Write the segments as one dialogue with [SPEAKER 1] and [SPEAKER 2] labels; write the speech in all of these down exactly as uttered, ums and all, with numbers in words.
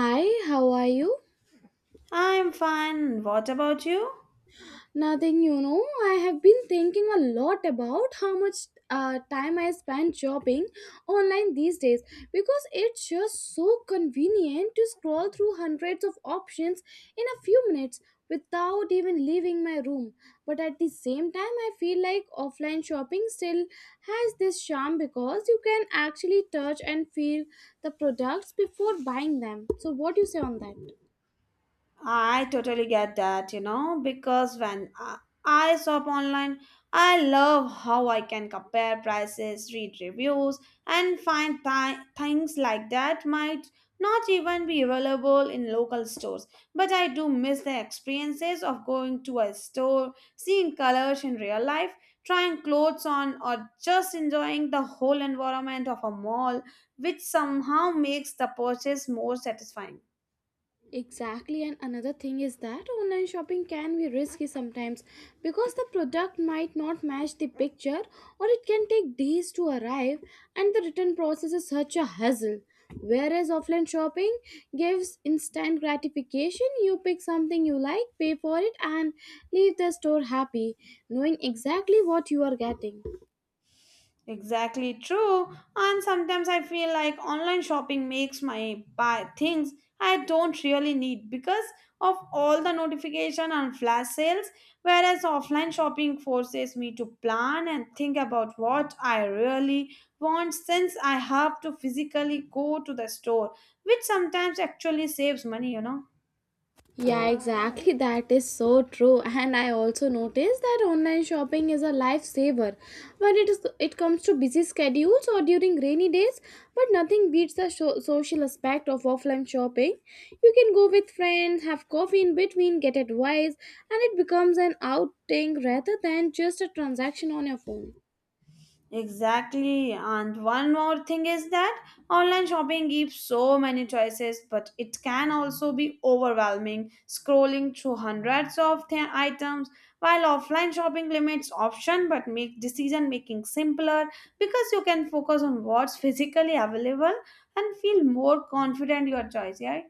[SPEAKER 1] Hi, how are you?
[SPEAKER 2] I'm fine. What about you?
[SPEAKER 1] Nothing, you know, I have been thinking a lot about how much uh, time I spend shopping online these days because it's just so convenient to scroll through hundreds of options in a few minutes without even leaving my room. But at the same time, I feel like offline shopping still has this charm because you can actually touch and feel the products before buying them. So, what do you say on that?
[SPEAKER 2] I totally get that, you know, because when I, I shop online, I love how I can compare prices, read reviews, and find th- things like that might not even be available in local stores. But I do miss the experiences of going to a store, seeing colors in real life, trying clothes on, or just enjoying the whole environment of a mall, which somehow makes the purchase more satisfying.
[SPEAKER 1] Exactly, and another thing is that online shopping can be risky sometimes because the product might not match the picture or it can take days to arrive, and the return process is such a hassle. Whereas offline shopping gives instant gratification. You pick something you like, pay for it, and leave the store happy, knowing exactly what you are getting.
[SPEAKER 2] Exactly true. And sometimes I feel like online shopping makes my buy things I don't really need because of all the notification and flash sales, whereas offline shopping forces me to plan and think about what I really want since I have to physically go to the store, which sometimes actually saves money, you know.
[SPEAKER 1] Yeah, exactly. That is so true. And I also noticed that online shopping is a lifesaver when it is it comes to busy schedules or during rainy days. But nothing beats the sho- social aspect of offline shopping. You can go with friends, have coffee in between, get advice, and it becomes an outing rather than just a transaction on your phone.
[SPEAKER 2] Exactly. And one more thing is that online shopping gives so many choices, but it can also be overwhelming, scrolling through hundreds of th- items, while offline shopping limits option but make decision making simpler because you can focus on what's physically available and feel more confident your choice, yeah?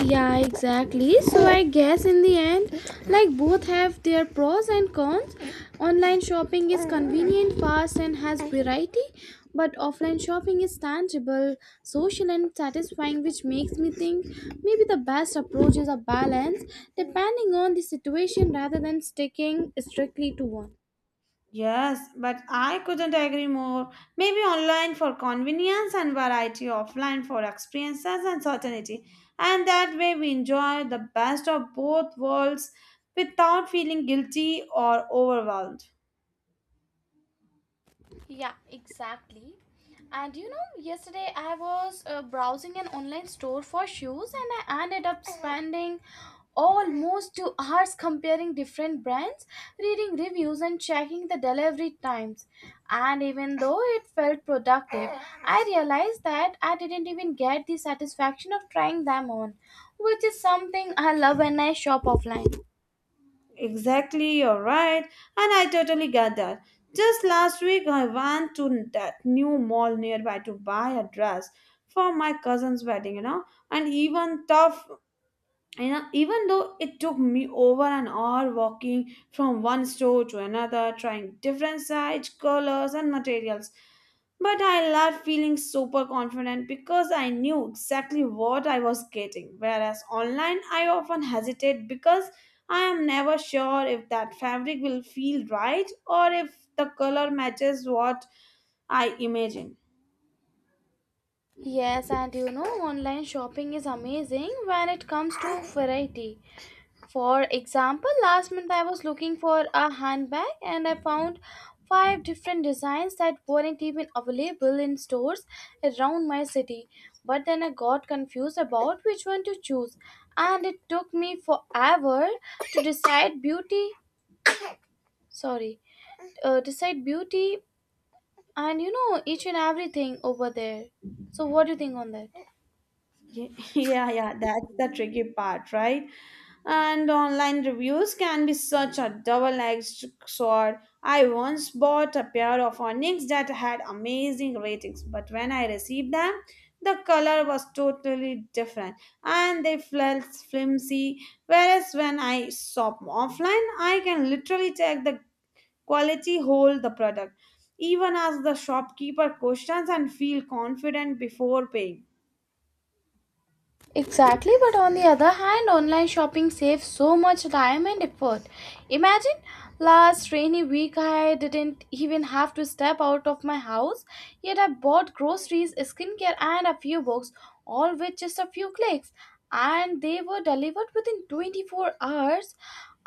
[SPEAKER 1] Yeah, exactly. So I guess in the end, like both have their pros and cons. Online shopping is convenient, fast, and has variety, but offline shopping is tangible, social, and satisfying, which makes me think maybe the best approach is a balance depending on the situation rather than sticking strictly to one.
[SPEAKER 2] Yes, but I couldn't agree more. Maybe online for convenience and variety, offline for experiences and certainty. And that way we enjoy the best of both worlds without feeling guilty or overwhelmed.
[SPEAKER 1] Yeah, exactly. And you know, yesterday I was uh, browsing an online store for shoes, and I ended up spending almost two hours comparing different brands, reading reviews, and checking the delivery times. And even though it felt productive, I realized that I didn't even get the satisfaction of trying them on, which is something I love when I shop offline.
[SPEAKER 2] Exactly, you're right. And I totally get that. Just last week, I went to that new mall nearby to buy a dress for my cousin's wedding, you know. And even tough And uh, even though it took me over an hour walking from one store to another, trying different sizes, colors, and materials, but I left feeling super confident because I knew exactly what I was getting. Whereas online, I often hesitate because I am never sure if that fabric will feel right or if the color matches what I imagine.
[SPEAKER 1] Yes, and you know, online shopping is amazing when it comes to variety. For example, last month I was looking for a handbag and I found five different designs that weren't even available in stores around my city. But then I got confused about which one to choose, and it took me forever to decide beauty. Sorry, uh, decide beauty and you know each and everything over there. So, what do you think on that?
[SPEAKER 2] Ye- Yeah, yeah, that's the tricky part, right? And online reviews can be such a double-edged sword. I once bought a pair of Onyx that had amazing ratings, but when I received them, the color was totally different and they felt flimsy. Whereas when I shop offline, I can literally check the quality, hold the product, even ask the shopkeeper questions, and feel confident before paying.
[SPEAKER 1] Exactly, but on the other hand, online shopping saves so much time and effort. Imagine, last rainy week I didn't even have to step out of my house, yet I bought groceries, skincare, and a few books, all with just a few clicks, and they were delivered within twenty-four hours.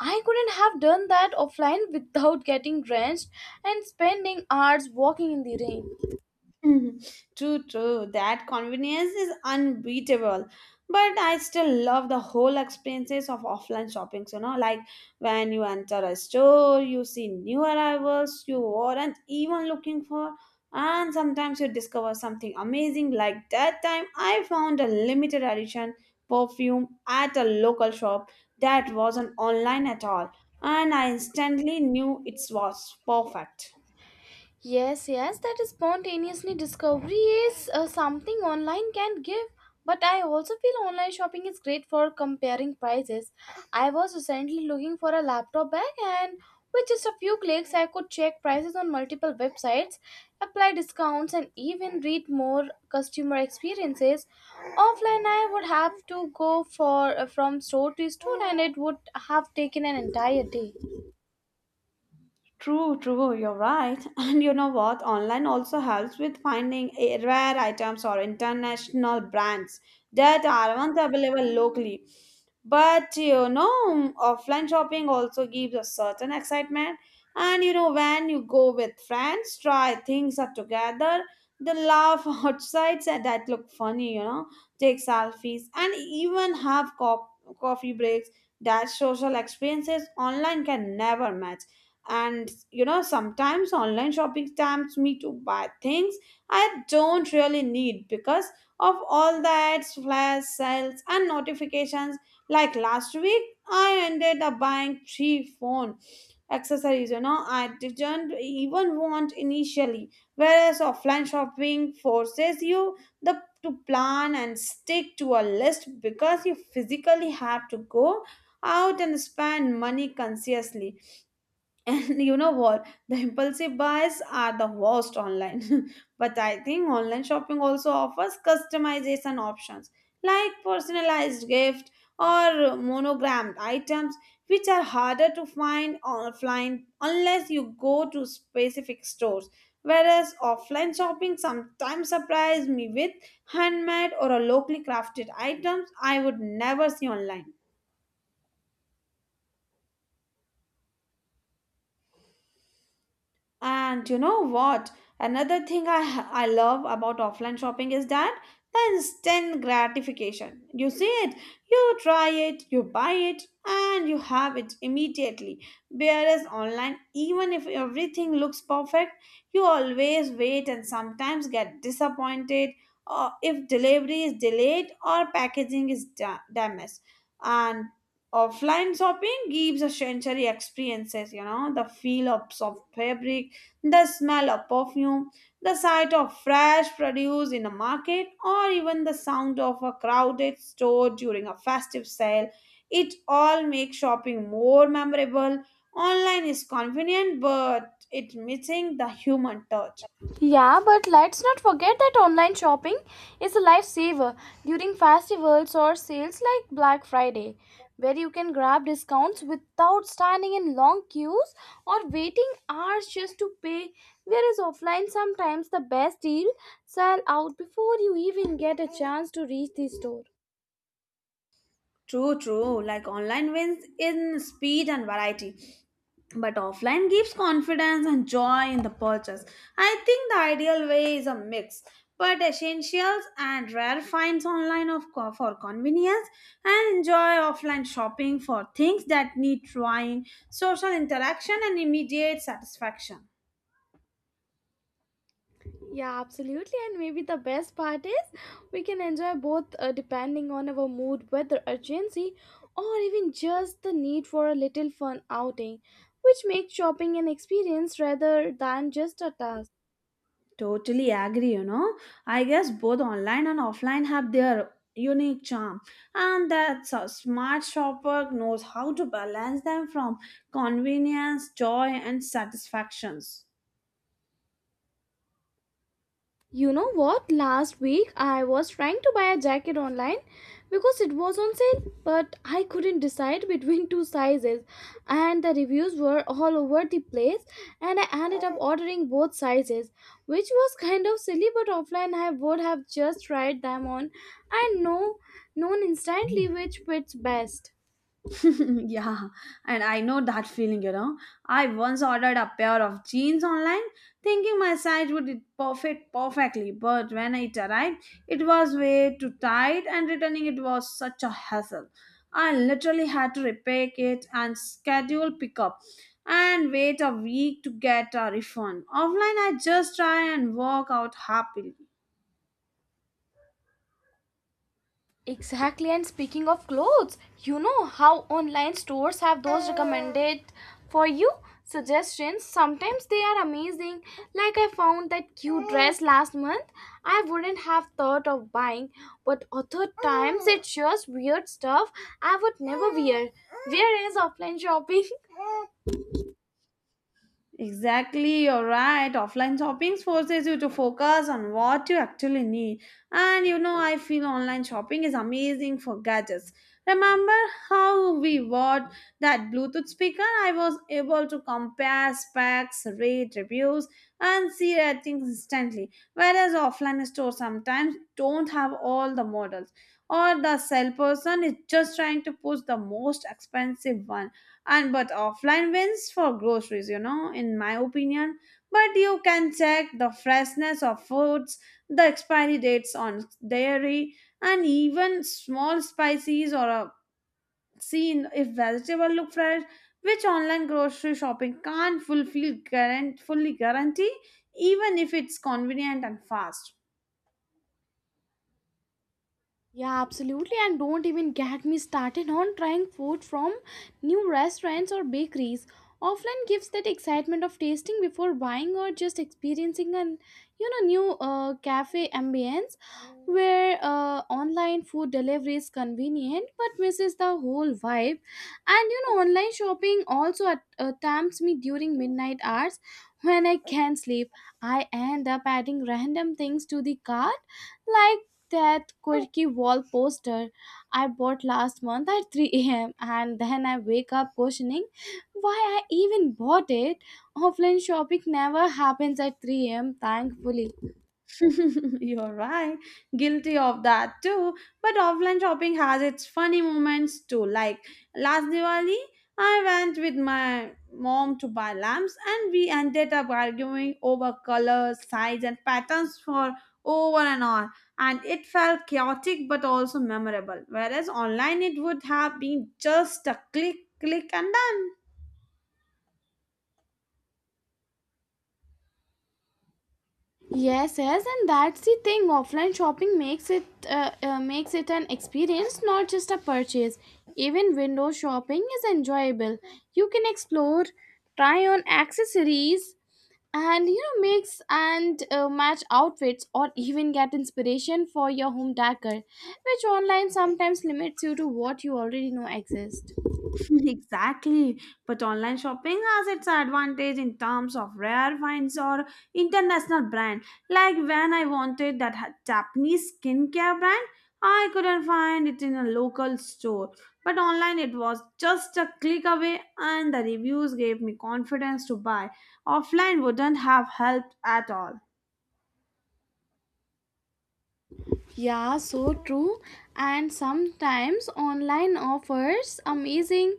[SPEAKER 1] I couldn't have done that offline without getting drenched and spending hours walking in the rain.
[SPEAKER 2] True, true. That convenience is unbeatable. But I still love the whole experiences of offline shoppings, you know, like when you enter a store, you see new arrivals you weren't even looking for, and sometimes you discover something amazing. Like that time, I found a limited edition perfume at a local shop that wasn't online at all, and I instantly knew it was perfect.
[SPEAKER 1] Yes, yes, that spontaneously discovery is uh, something online can give. But I also feel online shopping is great for comparing prices. I was recently looking for a laptop bag, and with just a few clicks, I could check prices on multiple websites, apply discounts, and even read more customer experiences. Offline, I would have to go for uh, from store to store, and it would have taken an entire day.
[SPEAKER 2] True, true, you're right. And you know what? Online also helps with finding eh, rare items or international brands that aren't available locally. But you know, offline shopping also gives a certain excitement. And you know, when you go with friends, try things up together, they laugh outside and that look funny, you know, take selfies, and even have co- coffee breaks. That social experiences online can never match and you know sometimes online shopping tempts me to buy things I don't really need because of all the ads flash sales and notifications like last week I ended up buying three phone accessories, you know, I didn't even want initially whereas offline shopping forces you the to plan and stick to a list because you physically have to go out and spend money consciously. And you know what? The impulsive buys are the worst online. But I think online shopping also offers customization options like personalized gift or monogrammed items which are harder to find offline unless you go to specific stores. Whereas offline shopping sometimes surprise me with handmade or a locally crafted items I would never see online. And you know what? Another thing I I love about offline shopping is that the instant gratification. You see it, you try it, you buy it, and you have it immediately. Whereas online, even if everything looks perfect, you always wait and sometimes get disappointed or if delivery is delayed or packaging is da- damaged. And offline shopping gives a sensory experiences, you know, the feel of soft fabric the smell of perfume, the sight of fresh produce in a market, or even the sound of a crowded store during a festive sale, it all makes shopping more memorable. Online is convenient, but it's missing the human touch.
[SPEAKER 1] Yeah, but let's not forget that online shopping is a lifesaver during festivals or sales like Black Friday, where you can grab discounts without standing in long queues or waiting hours just to pay. Whereas offline, sometimes the best deal sell out before you even get a chance to reach the store.
[SPEAKER 2] True, true. Like online wins in speed and variety. But offline gives confidence and joy in the purchase. I think the ideal way is a mix, but essentials and rare finds online of co- for convenience and enjoy offline shopping for things that need trying, social interaction and immediate satisfaction.
[SPEAKER 1] Yeah, absolutely. And maybe the best part is we can enjoy both uh, depending on our mood, whether urgency, or even just the need for a little fun outing, which makes shopping an experience rather than just a task.
[SPEAKER 2] Totally agree, you know. I guess both online and offline have their unique charm, and that a smart shopper knows how to balance them from convenience, joy, and satisfactions.
[SPEAKER 1] You know what? Last week I was trying to buy a jacket online because it was on sale, but I couldn't decide between two sizes, and the reviews were all over the place, and I ended up ordering both sizes, which was kind of silly. But offline, I would have just tried them on and know known instantly which fits best.
[SPEAKER 2] Yeah, and I know that feeling, you know. I once ordered a pair of jeans online, thinking my size would it perfect perfectly, but when it arrived, it was way too tight, and returning it was such a hassle. I literally had to repack it and schedule pickup and wait a week to get a refund. Offline, I just try and walk out happily.
[SPEAKER 1] Exactly, and speaking of clothes, you know how online stores have those recommended for you suggestions. Sometimes they are amazing. Like, I found that cute dress last month I wouldn't have thought of buying, but other times it's just weird stuff I would never wear. Whereas offline shopping.
[SPEAKER 2] Exactly, you're right. Offline shopping forces you to focus on what you actually need. And you know, I feel online shopping is amazing for gadgets. Remember how we bought that Bluetooth speaker? I was able to compare specs, rate, reviews, and see ratings instantly. Whereas offline stores sometimes don't have all the models, or the salesperson is just trying to push the most expensive one and but offline wins for groceries, you know, in my opinion but you can check the freshness of foods the expiry dates on dairy and even small spices or a seen if vegetable look fresh which online grocery shopping can't fulfill guarant- fully guarantee even if it's convenient and fast.
[SPEAKER 1] Yeah, absolutely. And don't even get me started on trying food from new restaurants or bakeries. Offline gives that excitement of tasting before buying, or just experiencing an you know new uh, cafe ambience, where uh, online food delivery is convenient but misses the whole vibe. And you know, online shopping also at, uh, tempts me during midnight hours when I can't sleep. I end up adding random things to the cart, like that quirky wall poster I bought last month at three a m, and then I wake up questioning why I even bought it. Offline shopping never happens at three a m, thankfully.
[SPEAKER 2] You're right. Guilty of that too. But offline shopping has its funny moments too. Like last Diwali, I went with my mom to buy lamps and we ended up arguing over colors, size, and patterns for over an hour. And it felt chaotic but also memorable. Whereas online, it would have been just a click, click, and done.
[SPEAKER 1] Yes, yes, and that's the thing. Offline shopping makes it uh, uh, makes it an experience, not just a purchase. Even window shopping is enjoyable. You can explore, try on accessories, and you know, mix and uh, match outfits, or even get inspiration for your home decor, which online sometimes limits you to what you already know exists.
[SPEAKER 2] Exactly. But online shopping has its advantage in terms of rare finds or international brand. Like when I wanted that ha- Japanese skincare brand, I couldn't find it in a local store. But online it was just a click away and the reviews gave me confidence to buy. Offline wouldn't have helped at all.
[SPEAKER 1] Yeah, so true. And sometimes online offers amazing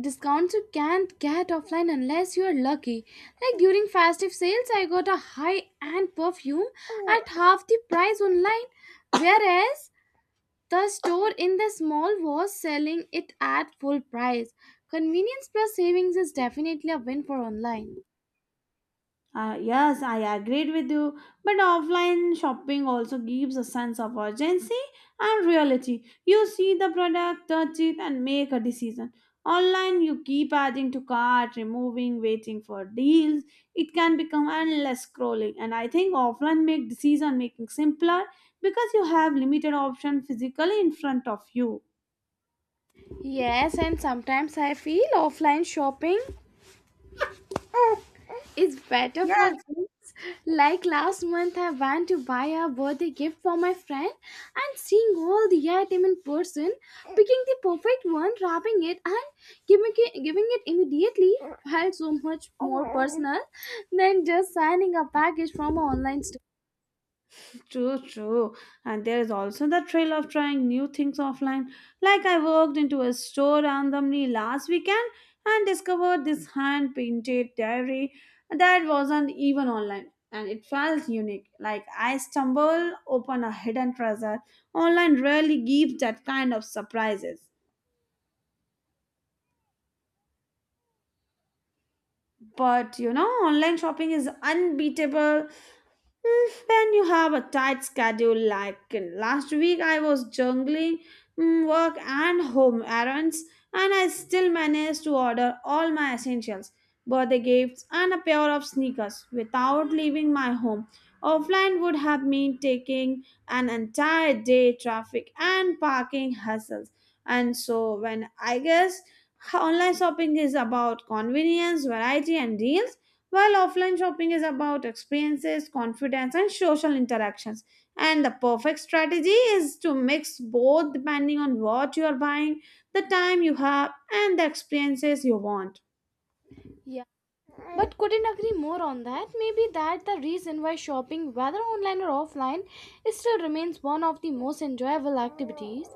[SPEAKER 1] discounts you can't get offline unless you are lucky. Like during festive sales, I got a high end perfume at half the price online, whereas the store in the mall was selling it at full price. Convenience plus savings is definitely a win for online.
[SPEAKER 2] Uh, yes, I agreed with you, but offline shopping also gives a sense of urgency and reality. You see the product, touch it, and make a decision. Online, you keep adding to cart, removing, waiting for deals. It can become endless scrolling, and I think offline make decision making simpler because you have limited option physically in front of you.
[SPEAKER 1] Yes, and sometimes I feel offline shopping is better for
[SPEAKER 2] Yes,
[SPEAKER 1] gifts. Like last month, I went to buy a birthday gift for my friend, and seeing all the item in person, picking the perfect one, wrapping it, and giving it, giving it immediately, felt so much more personal than just signing a package from an online store.
[SPEAKER 2] true, true. And there is also the thrill of trying new things offline. Like I walked into a store randomly last weekend and discovered this hand painted diary that wasn't even online. And it felt unique. Like I stumbled upon a hidden treasure. Online rarely gives that kind of surprises. But you know, online shopping is unbeatable mm, when you have a tight schedule. Like in last week, I was juggling mm, work and home errands, and I still managed to order all my essentials, birthday gifts, and a pair of sneakers without leaving my home. Offline would have meant taking an entire day traffic and parking hassles. And so, when I guess online shopping is about convenience, variety, and deals, while offline shopping is about experiences, confidence, and social interactions. And the perfect strategy is to mix both depending on what you are buying, the time you have, and the experiences you want.
[SPEAKER 1] Yeah, but couldn't agree more on that. Maybe that the reason why shopping, whether online or offline, it still remains one of the most enjoyable activities.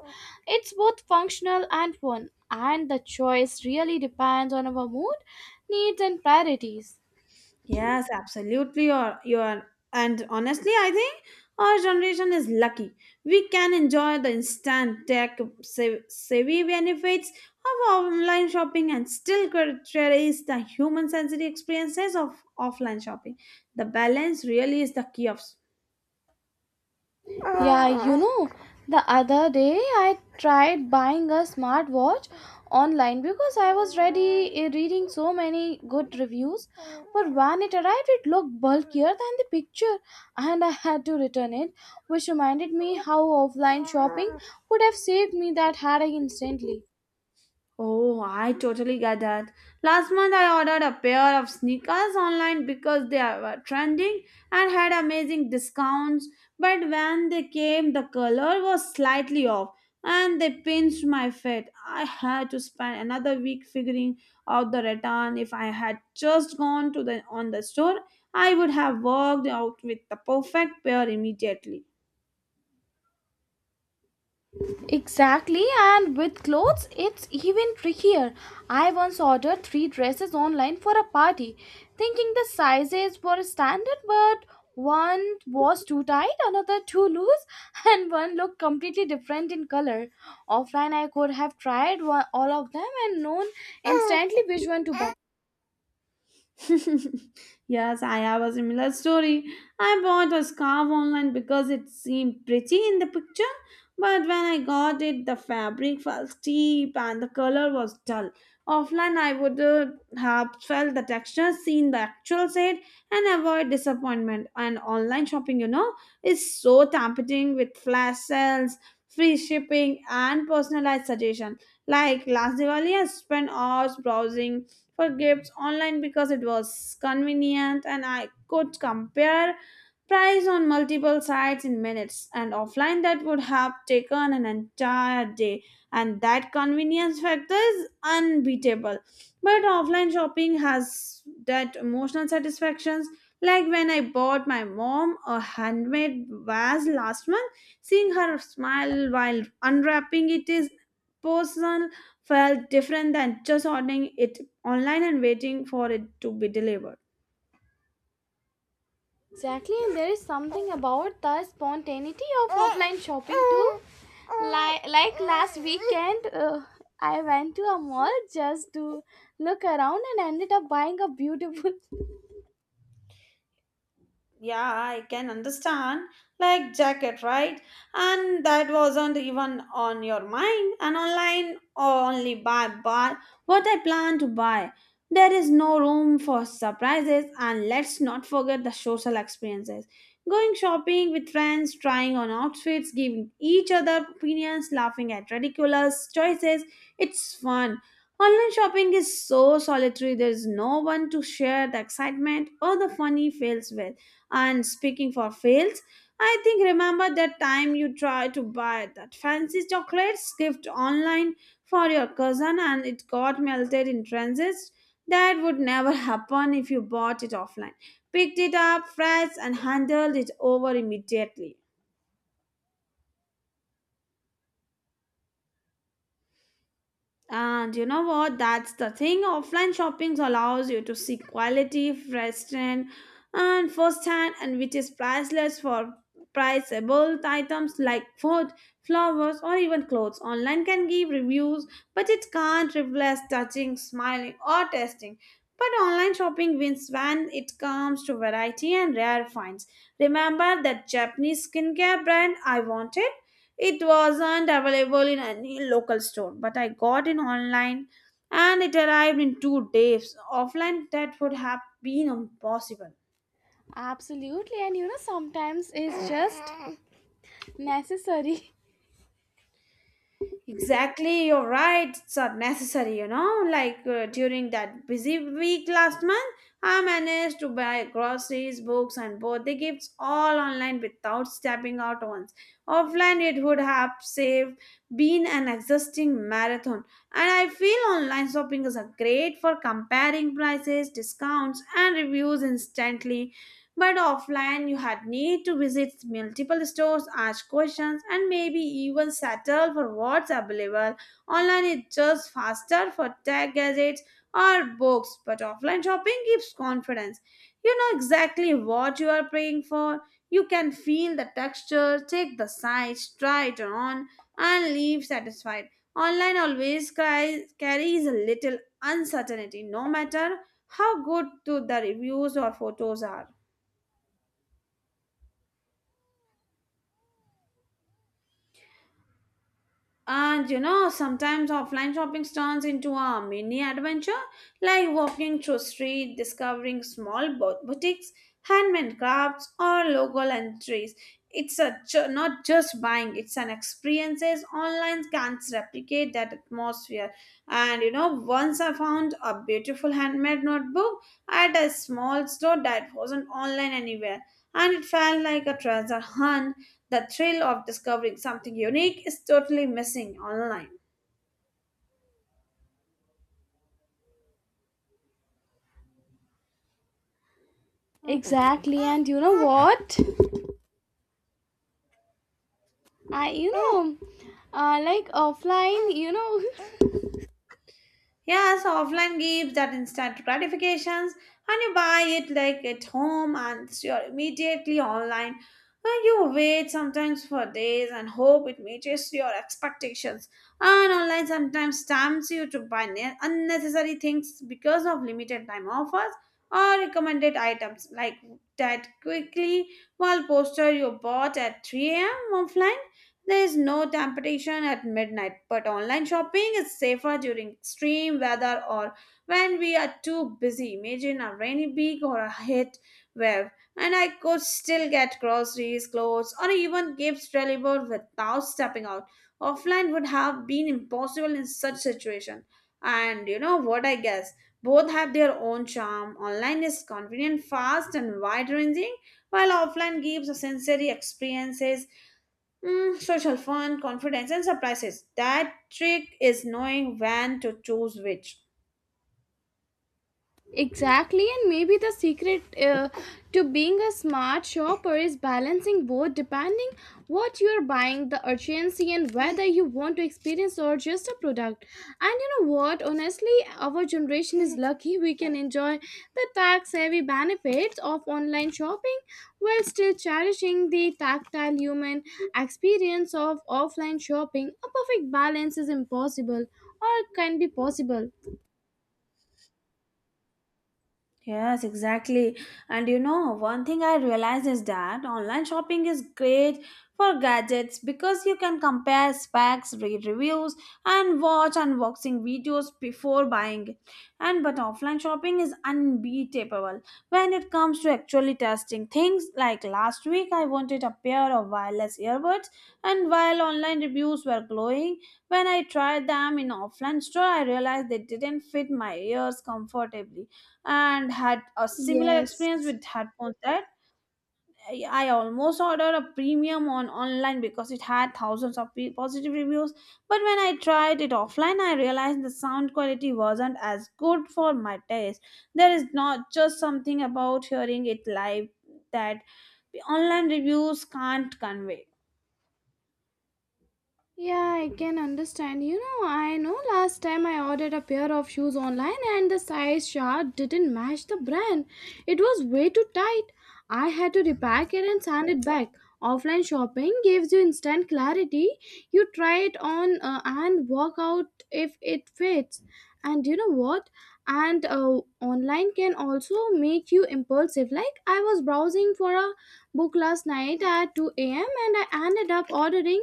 [SPEAKER 1] It's both functional and fun, and the choice really depends on our mood, needs, and priorities.
[SPEAKER 2] Yes, absolutely. You're, you're, and honestly, I think our generation is lucky. We can enjoy the instant tech sav- savvy benefits of online shopping and still cre- cherish the human sensory experiences of offline shopping. The balance really is the key of
[SPEAKER 1] Yeah, you know, the other day I tried buying a smartwatch online because I was ready eh, reading so many good reviews. But when it arrived, it looked bulkier than the picture, and I had to return it, which reminded me how offline shopping would have saved me that headache instantly.
[SPEAKER 2] Oh, I totally get that. Last month I ordered a pair of sneakers online because they are- were trending and had amazing discounts, but when they came, the color was slightly off and they pinched my feet. I had to spend another week figuring out the return. If I had just gone to the on the store, I would have walked out with the perfect pair immediately.
[SPEAKER 1] Exactly, and with clothes, it's even trickier. I once ordered three dresses online for a party, thinking the sizes were standard, but one was too tight, another too loose, and one looked completely different in color. Offline, I could have tried one, all of them and known instantly which one to buy.
[SPEAKER 2] Yes, I have a similar story. I bought a scarf online because it seemed pretty in the picture, but when I got it, the fabric felt steep and the color was dull. Offline, I would uh, have felt the texture, seen the actual shade, and avoid disappointment. And online shopping, you know, is so tempting with flash sales, free shipping, and personalized suggestion. Like last Diwali, I spent hours browsing for gifts online because it was convenient and I could compare price on multiple sites in minutes. And offline that would have taken an entire day, and that convenience factor is unbeatable. But offline shopping has that emotional satisfactions, like when I bought my mom a handmade vase last month. Seeing her smile while unwrapping it is personal, felt different than just ordering it online and waiting for it to be delivered.
[SPEAKER 1] Exactly, and there is something about the spontaneity of offline shopping too. Like, like last weekend, uh, I went to a mall just to look around and ended up buying a beautiful.
[SPEAKER 2] Yeah, I can understand. Like jacket, right? And that wasn't even on your mind. And online, oh, only buy buy what I plan to buy. There is no room for surprises. And let's not forget the social experiences: going shopping with friends, trying on outfits, giving each other opinions, laughing at ridiculous choices, it's fun. Online shopping is so solitary, there is no one to share the excitement or the funny fails with. And speaking for fails, I think remember that time you tried to buy that fancy chocolates gift online for your cousin and it got melted in transit? That would never happen if you bought it offline. Picked it up fresh and handled it over immediately. And you know what? That's the thing. Offline shopping allows you to see quality, fresh trend, and firsthand, and which is priceless for priceable items like food, flowers, or even clothes. Online can give reviews, but it can't replace touching, smiling, or testing. But online shopping wins when it comes to variety and rare finds. Remember that Japanese skincare brand I wanted? It wasn't available in any local store, but I got it online and it arrived in two days. Offline, that would have been impossible.
[SPEAKER 1] Absolutely, and you know, sometimes it's just necessary.
[SPEAKER 2] Exactly, you're right. It's are necessary, you know. Like uh, during that busy week last month, I managed to buy groceries, books, and birthday gifts all online without stepping out once. Offline, it would have saved been an exhausting marathon. And I feel online shopping is a great for comparing prices, discounts, and reviews instantly, but offline, you had need to visit multiple stores, ask questions, and maybe even settle for what's available. Online is just faster for tech gadgets or books, but offline shopping gives confidence. You know exactly what you are praying for. You can feel the texture, check the size, try it on, and leave satisfied. Online always cries, carries a little uncertainty, no matter how good to the reviews or photos are. And you know, sometimes offline shopping turns into a mini adventure, like walking through street, discovering small bo- boutiques, handmade crafts, or local entries. It's a ju- not just buying; it's an experiences. Online can't replicate that atmosphere. And you know, once I found a beautiful handmade notebook at a small store that wasn't online anywhere, and it felt like a treasure hunt. The thrill of discovering something unique is totally missing online.
[SPEAKER 1] Exactly, and you know what? I, you know, uh, like offline, you know,
[SPEAKER 2] Yeah, so offline gives that instant gratifications and you buy it like at home and it's your immediately online. And you wait sometimes for days and hope it matches your expectations. And online sometimes stamps you to buy ne- unnecessary things because of limited time offers or recommended items like that quickly, while poster you bought at three a m offline. There is no temptation at midnight, but online shopping is safer during extreme weather or when we are too busy. Imagine a rainy week or a heat wave, and I could still get groceries, clothes, or even gifts delivered without stepping out. Offline would have been impossible in such situation. And you know what I guess? Both have their own charm. Online is convenient, fast, and wide ranging, while offline gives sensory experiences, Mm, social fun, confidence, and surprises. That trick is knowing when to choose which.
[SPEAKER 1] Exactly, and maybe the secret uh, to being a smart shopper is balancing both depending what you are buying, the urgency, and whether you want to experience or just a product. And you know what? Honestly, our generation is lucky. We can enjoy the tax heavy benefits of online shopping while still cherishing the tactile human experience of offline shopping. A perfect balance is impossible, or can be possible.
[SPEAKER 2] Yes, exactly. And you know, one thing I realized is that online shopping is great for gadgets because you can compare specs, read reviews, and watch unboxing videos before buying. And but offline shopping is unbeatable when it comes to actually testing things. Like last week, I wanted a pair of wireless earbuds, and while online reviews were glowing, when I tried them in offline store, I realized they didn't fit my ears comfortably. And had a similar experience
[SPEAKER 1] Yes,
[SPEAKER 2] with headphones that I I almost ordered a premium on online because it had thousands of pe- positive reviews. But when I tried it offline, I realized the sound quality wasn't as good for my taste. There is not just something about hearing it live that the online reviews can't convey.
[SPEAKER 1] yeah, I can understand. You know, I know last time I ordered a pair of shoes online and the size chart didn't match the brand. It was way too tight. I had to repack it and send it back. Offline shopping gives you instant clarity. You try it on uh, and walk out if it fits. And you know what? And uh, Online can also make you impulsive. Like, I was browsing for a book last night at two a m, and I ended up ordering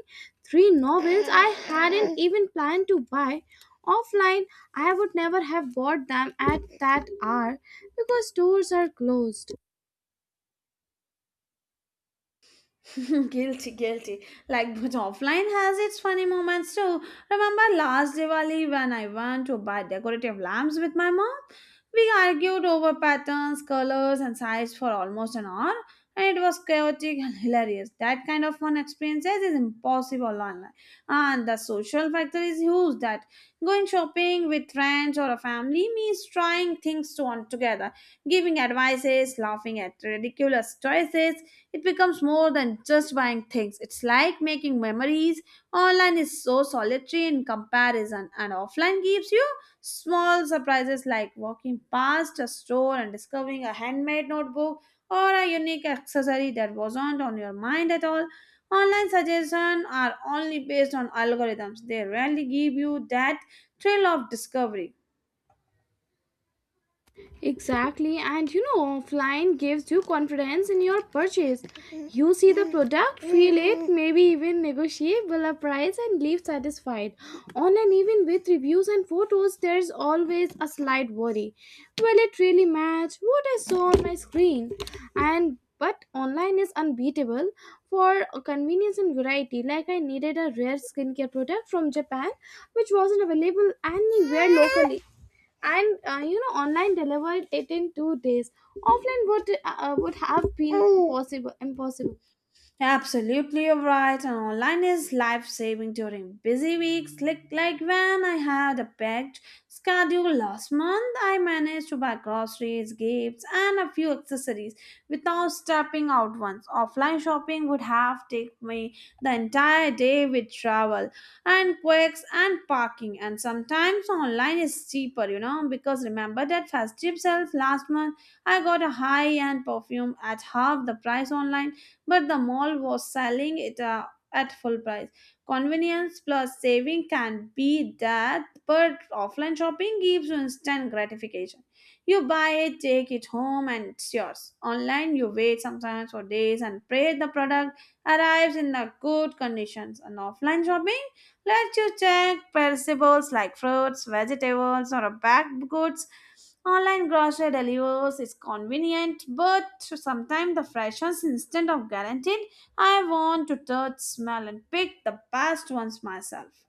[SPEAKER 1] three novels I hadn't even planned to buy offline. I would never have bought them at that hour because stores are closed.
[SPEAKER 2] Guilty, guilty. Like, but offline has its funny moments too. Remember last Diwali when I went to buy decorative lamps with my mom? We argued over patterns, colors, and size for almost an hour, and it was chaotic and hilarious. That kind of fun experiences is impossible online, and the social factor is huge. That going shopping with friends or a family means trying things to on together, giving advices, laughing at ridiculous choices, it becomes more than just buying things. It's like making memories. Online is so solitary in comparison, and offline gives you small surprises, like walking past a store and discovering a handmade notebook or a unique accessory that wasn't on your mind at all. Online suggestions are only based on algorithms. They rarely give you that thrill of discovery.
[SPEAKER 1] Exactly, and you know, offline gives you confidence in your purchase. You see the product, feel it, maybe even negotiable a price, and leave satisfied. Online, even with reviews and photos, there's always a slight worry. Will it really match what I saw on my screen? And but online is unbeatable for convenience and variety. Like, I needed a rare skincare product from Japan, which wasn't available anywhere locally, and uh, you know, online delivered it in two days. Offline would uh, would have been possible impossible.
[SPEAKER 2] Absolutely, you're right. And online is life saving during busy weeks. Like, like when I had a packed schedule last month, I managed to buy groceries, gifts, and a few accessories without stepping out once. Offline shopping would have taken me the entire day with travel and quirks and parking. And sometimes online is cheaper, you know, because remember that festive sales last month, I got a high end perfume at half the price online, but the mall was selling it uh, at full price. Convenience plus saving can be that, but offline shopping gives you instant gratification. You buy it, take it home, and it's yours. Online, you wait sometimes for days and pray the product arrives in the good conditions. And offline shopping, let you check perishables like fruits, vegetables, or baked goods. Online grocery deliveries is convenient, but sometimes the freshness instead of guaranteed. I want to touch, smell, and pick the best ones myself.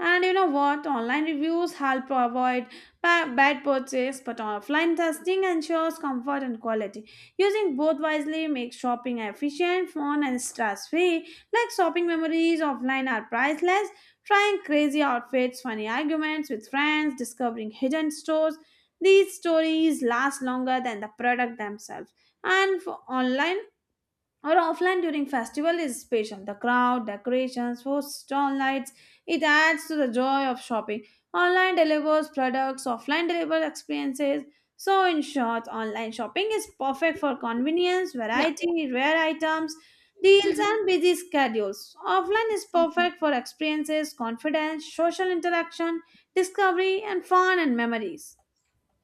[SPEAKER 2] And you know what? Online reviews help avoid ba- bad purchase, but offline testing ensures comfort and quality. Using both wisely makes shopping efficient, fun, and stress free. Like shopping memories offline are priceless. Trying crazy outfits, funny arguments with friends, discovering hidden stores. These stories last longer than the product themselves. And for online, or offline during festival is special. The crowd, decorations, food stall lights, it adds to the joy of shopping. Online delivers products, offline delivers experiences. So in short, online shopping is perfect for convenience,
[SPEAKER 1] Yeah,
[SPEAKER 2] variety, rare items, deals and busy schedules. Offline is
[SPEAKER 1] exactly.
[SPEAKER 2] perfect for experiences, confidence, social interaction, discovery and fun and memories.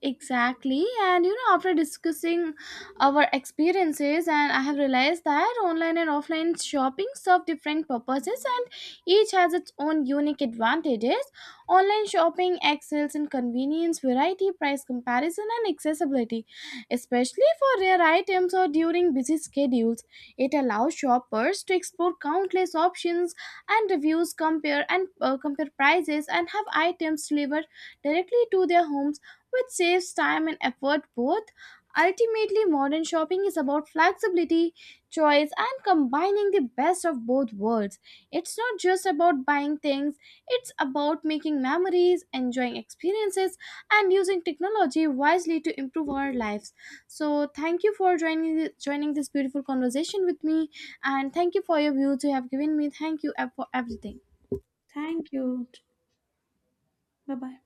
[SPEAKER 1] Exactly. And you know, after discussing our experiences, and I have realized that online and offline shopping serve different purposes, and each has its own unique advantages. Online shopping excels in convenience, variety, price comparison, and accessibility, especially for rare items or during busy schedules. It allows shoppers to explore countless options and reviews, compare and uh, compare prices, and have items delivered directly to their homes, which saves time and effort both. Ultimately, modern shopping is about flexibility, choice, and combining the best of both worlds. It's not just about buying things, it's about making memories, enjoying experiences, and using technology wisely to improve our lives. So, thank you for joining, joining this beautiful conversation with me, and thank you for your views you have given me. Thank you uh, for everything.
[SPEAKER 2] Thank you. Bye-bye.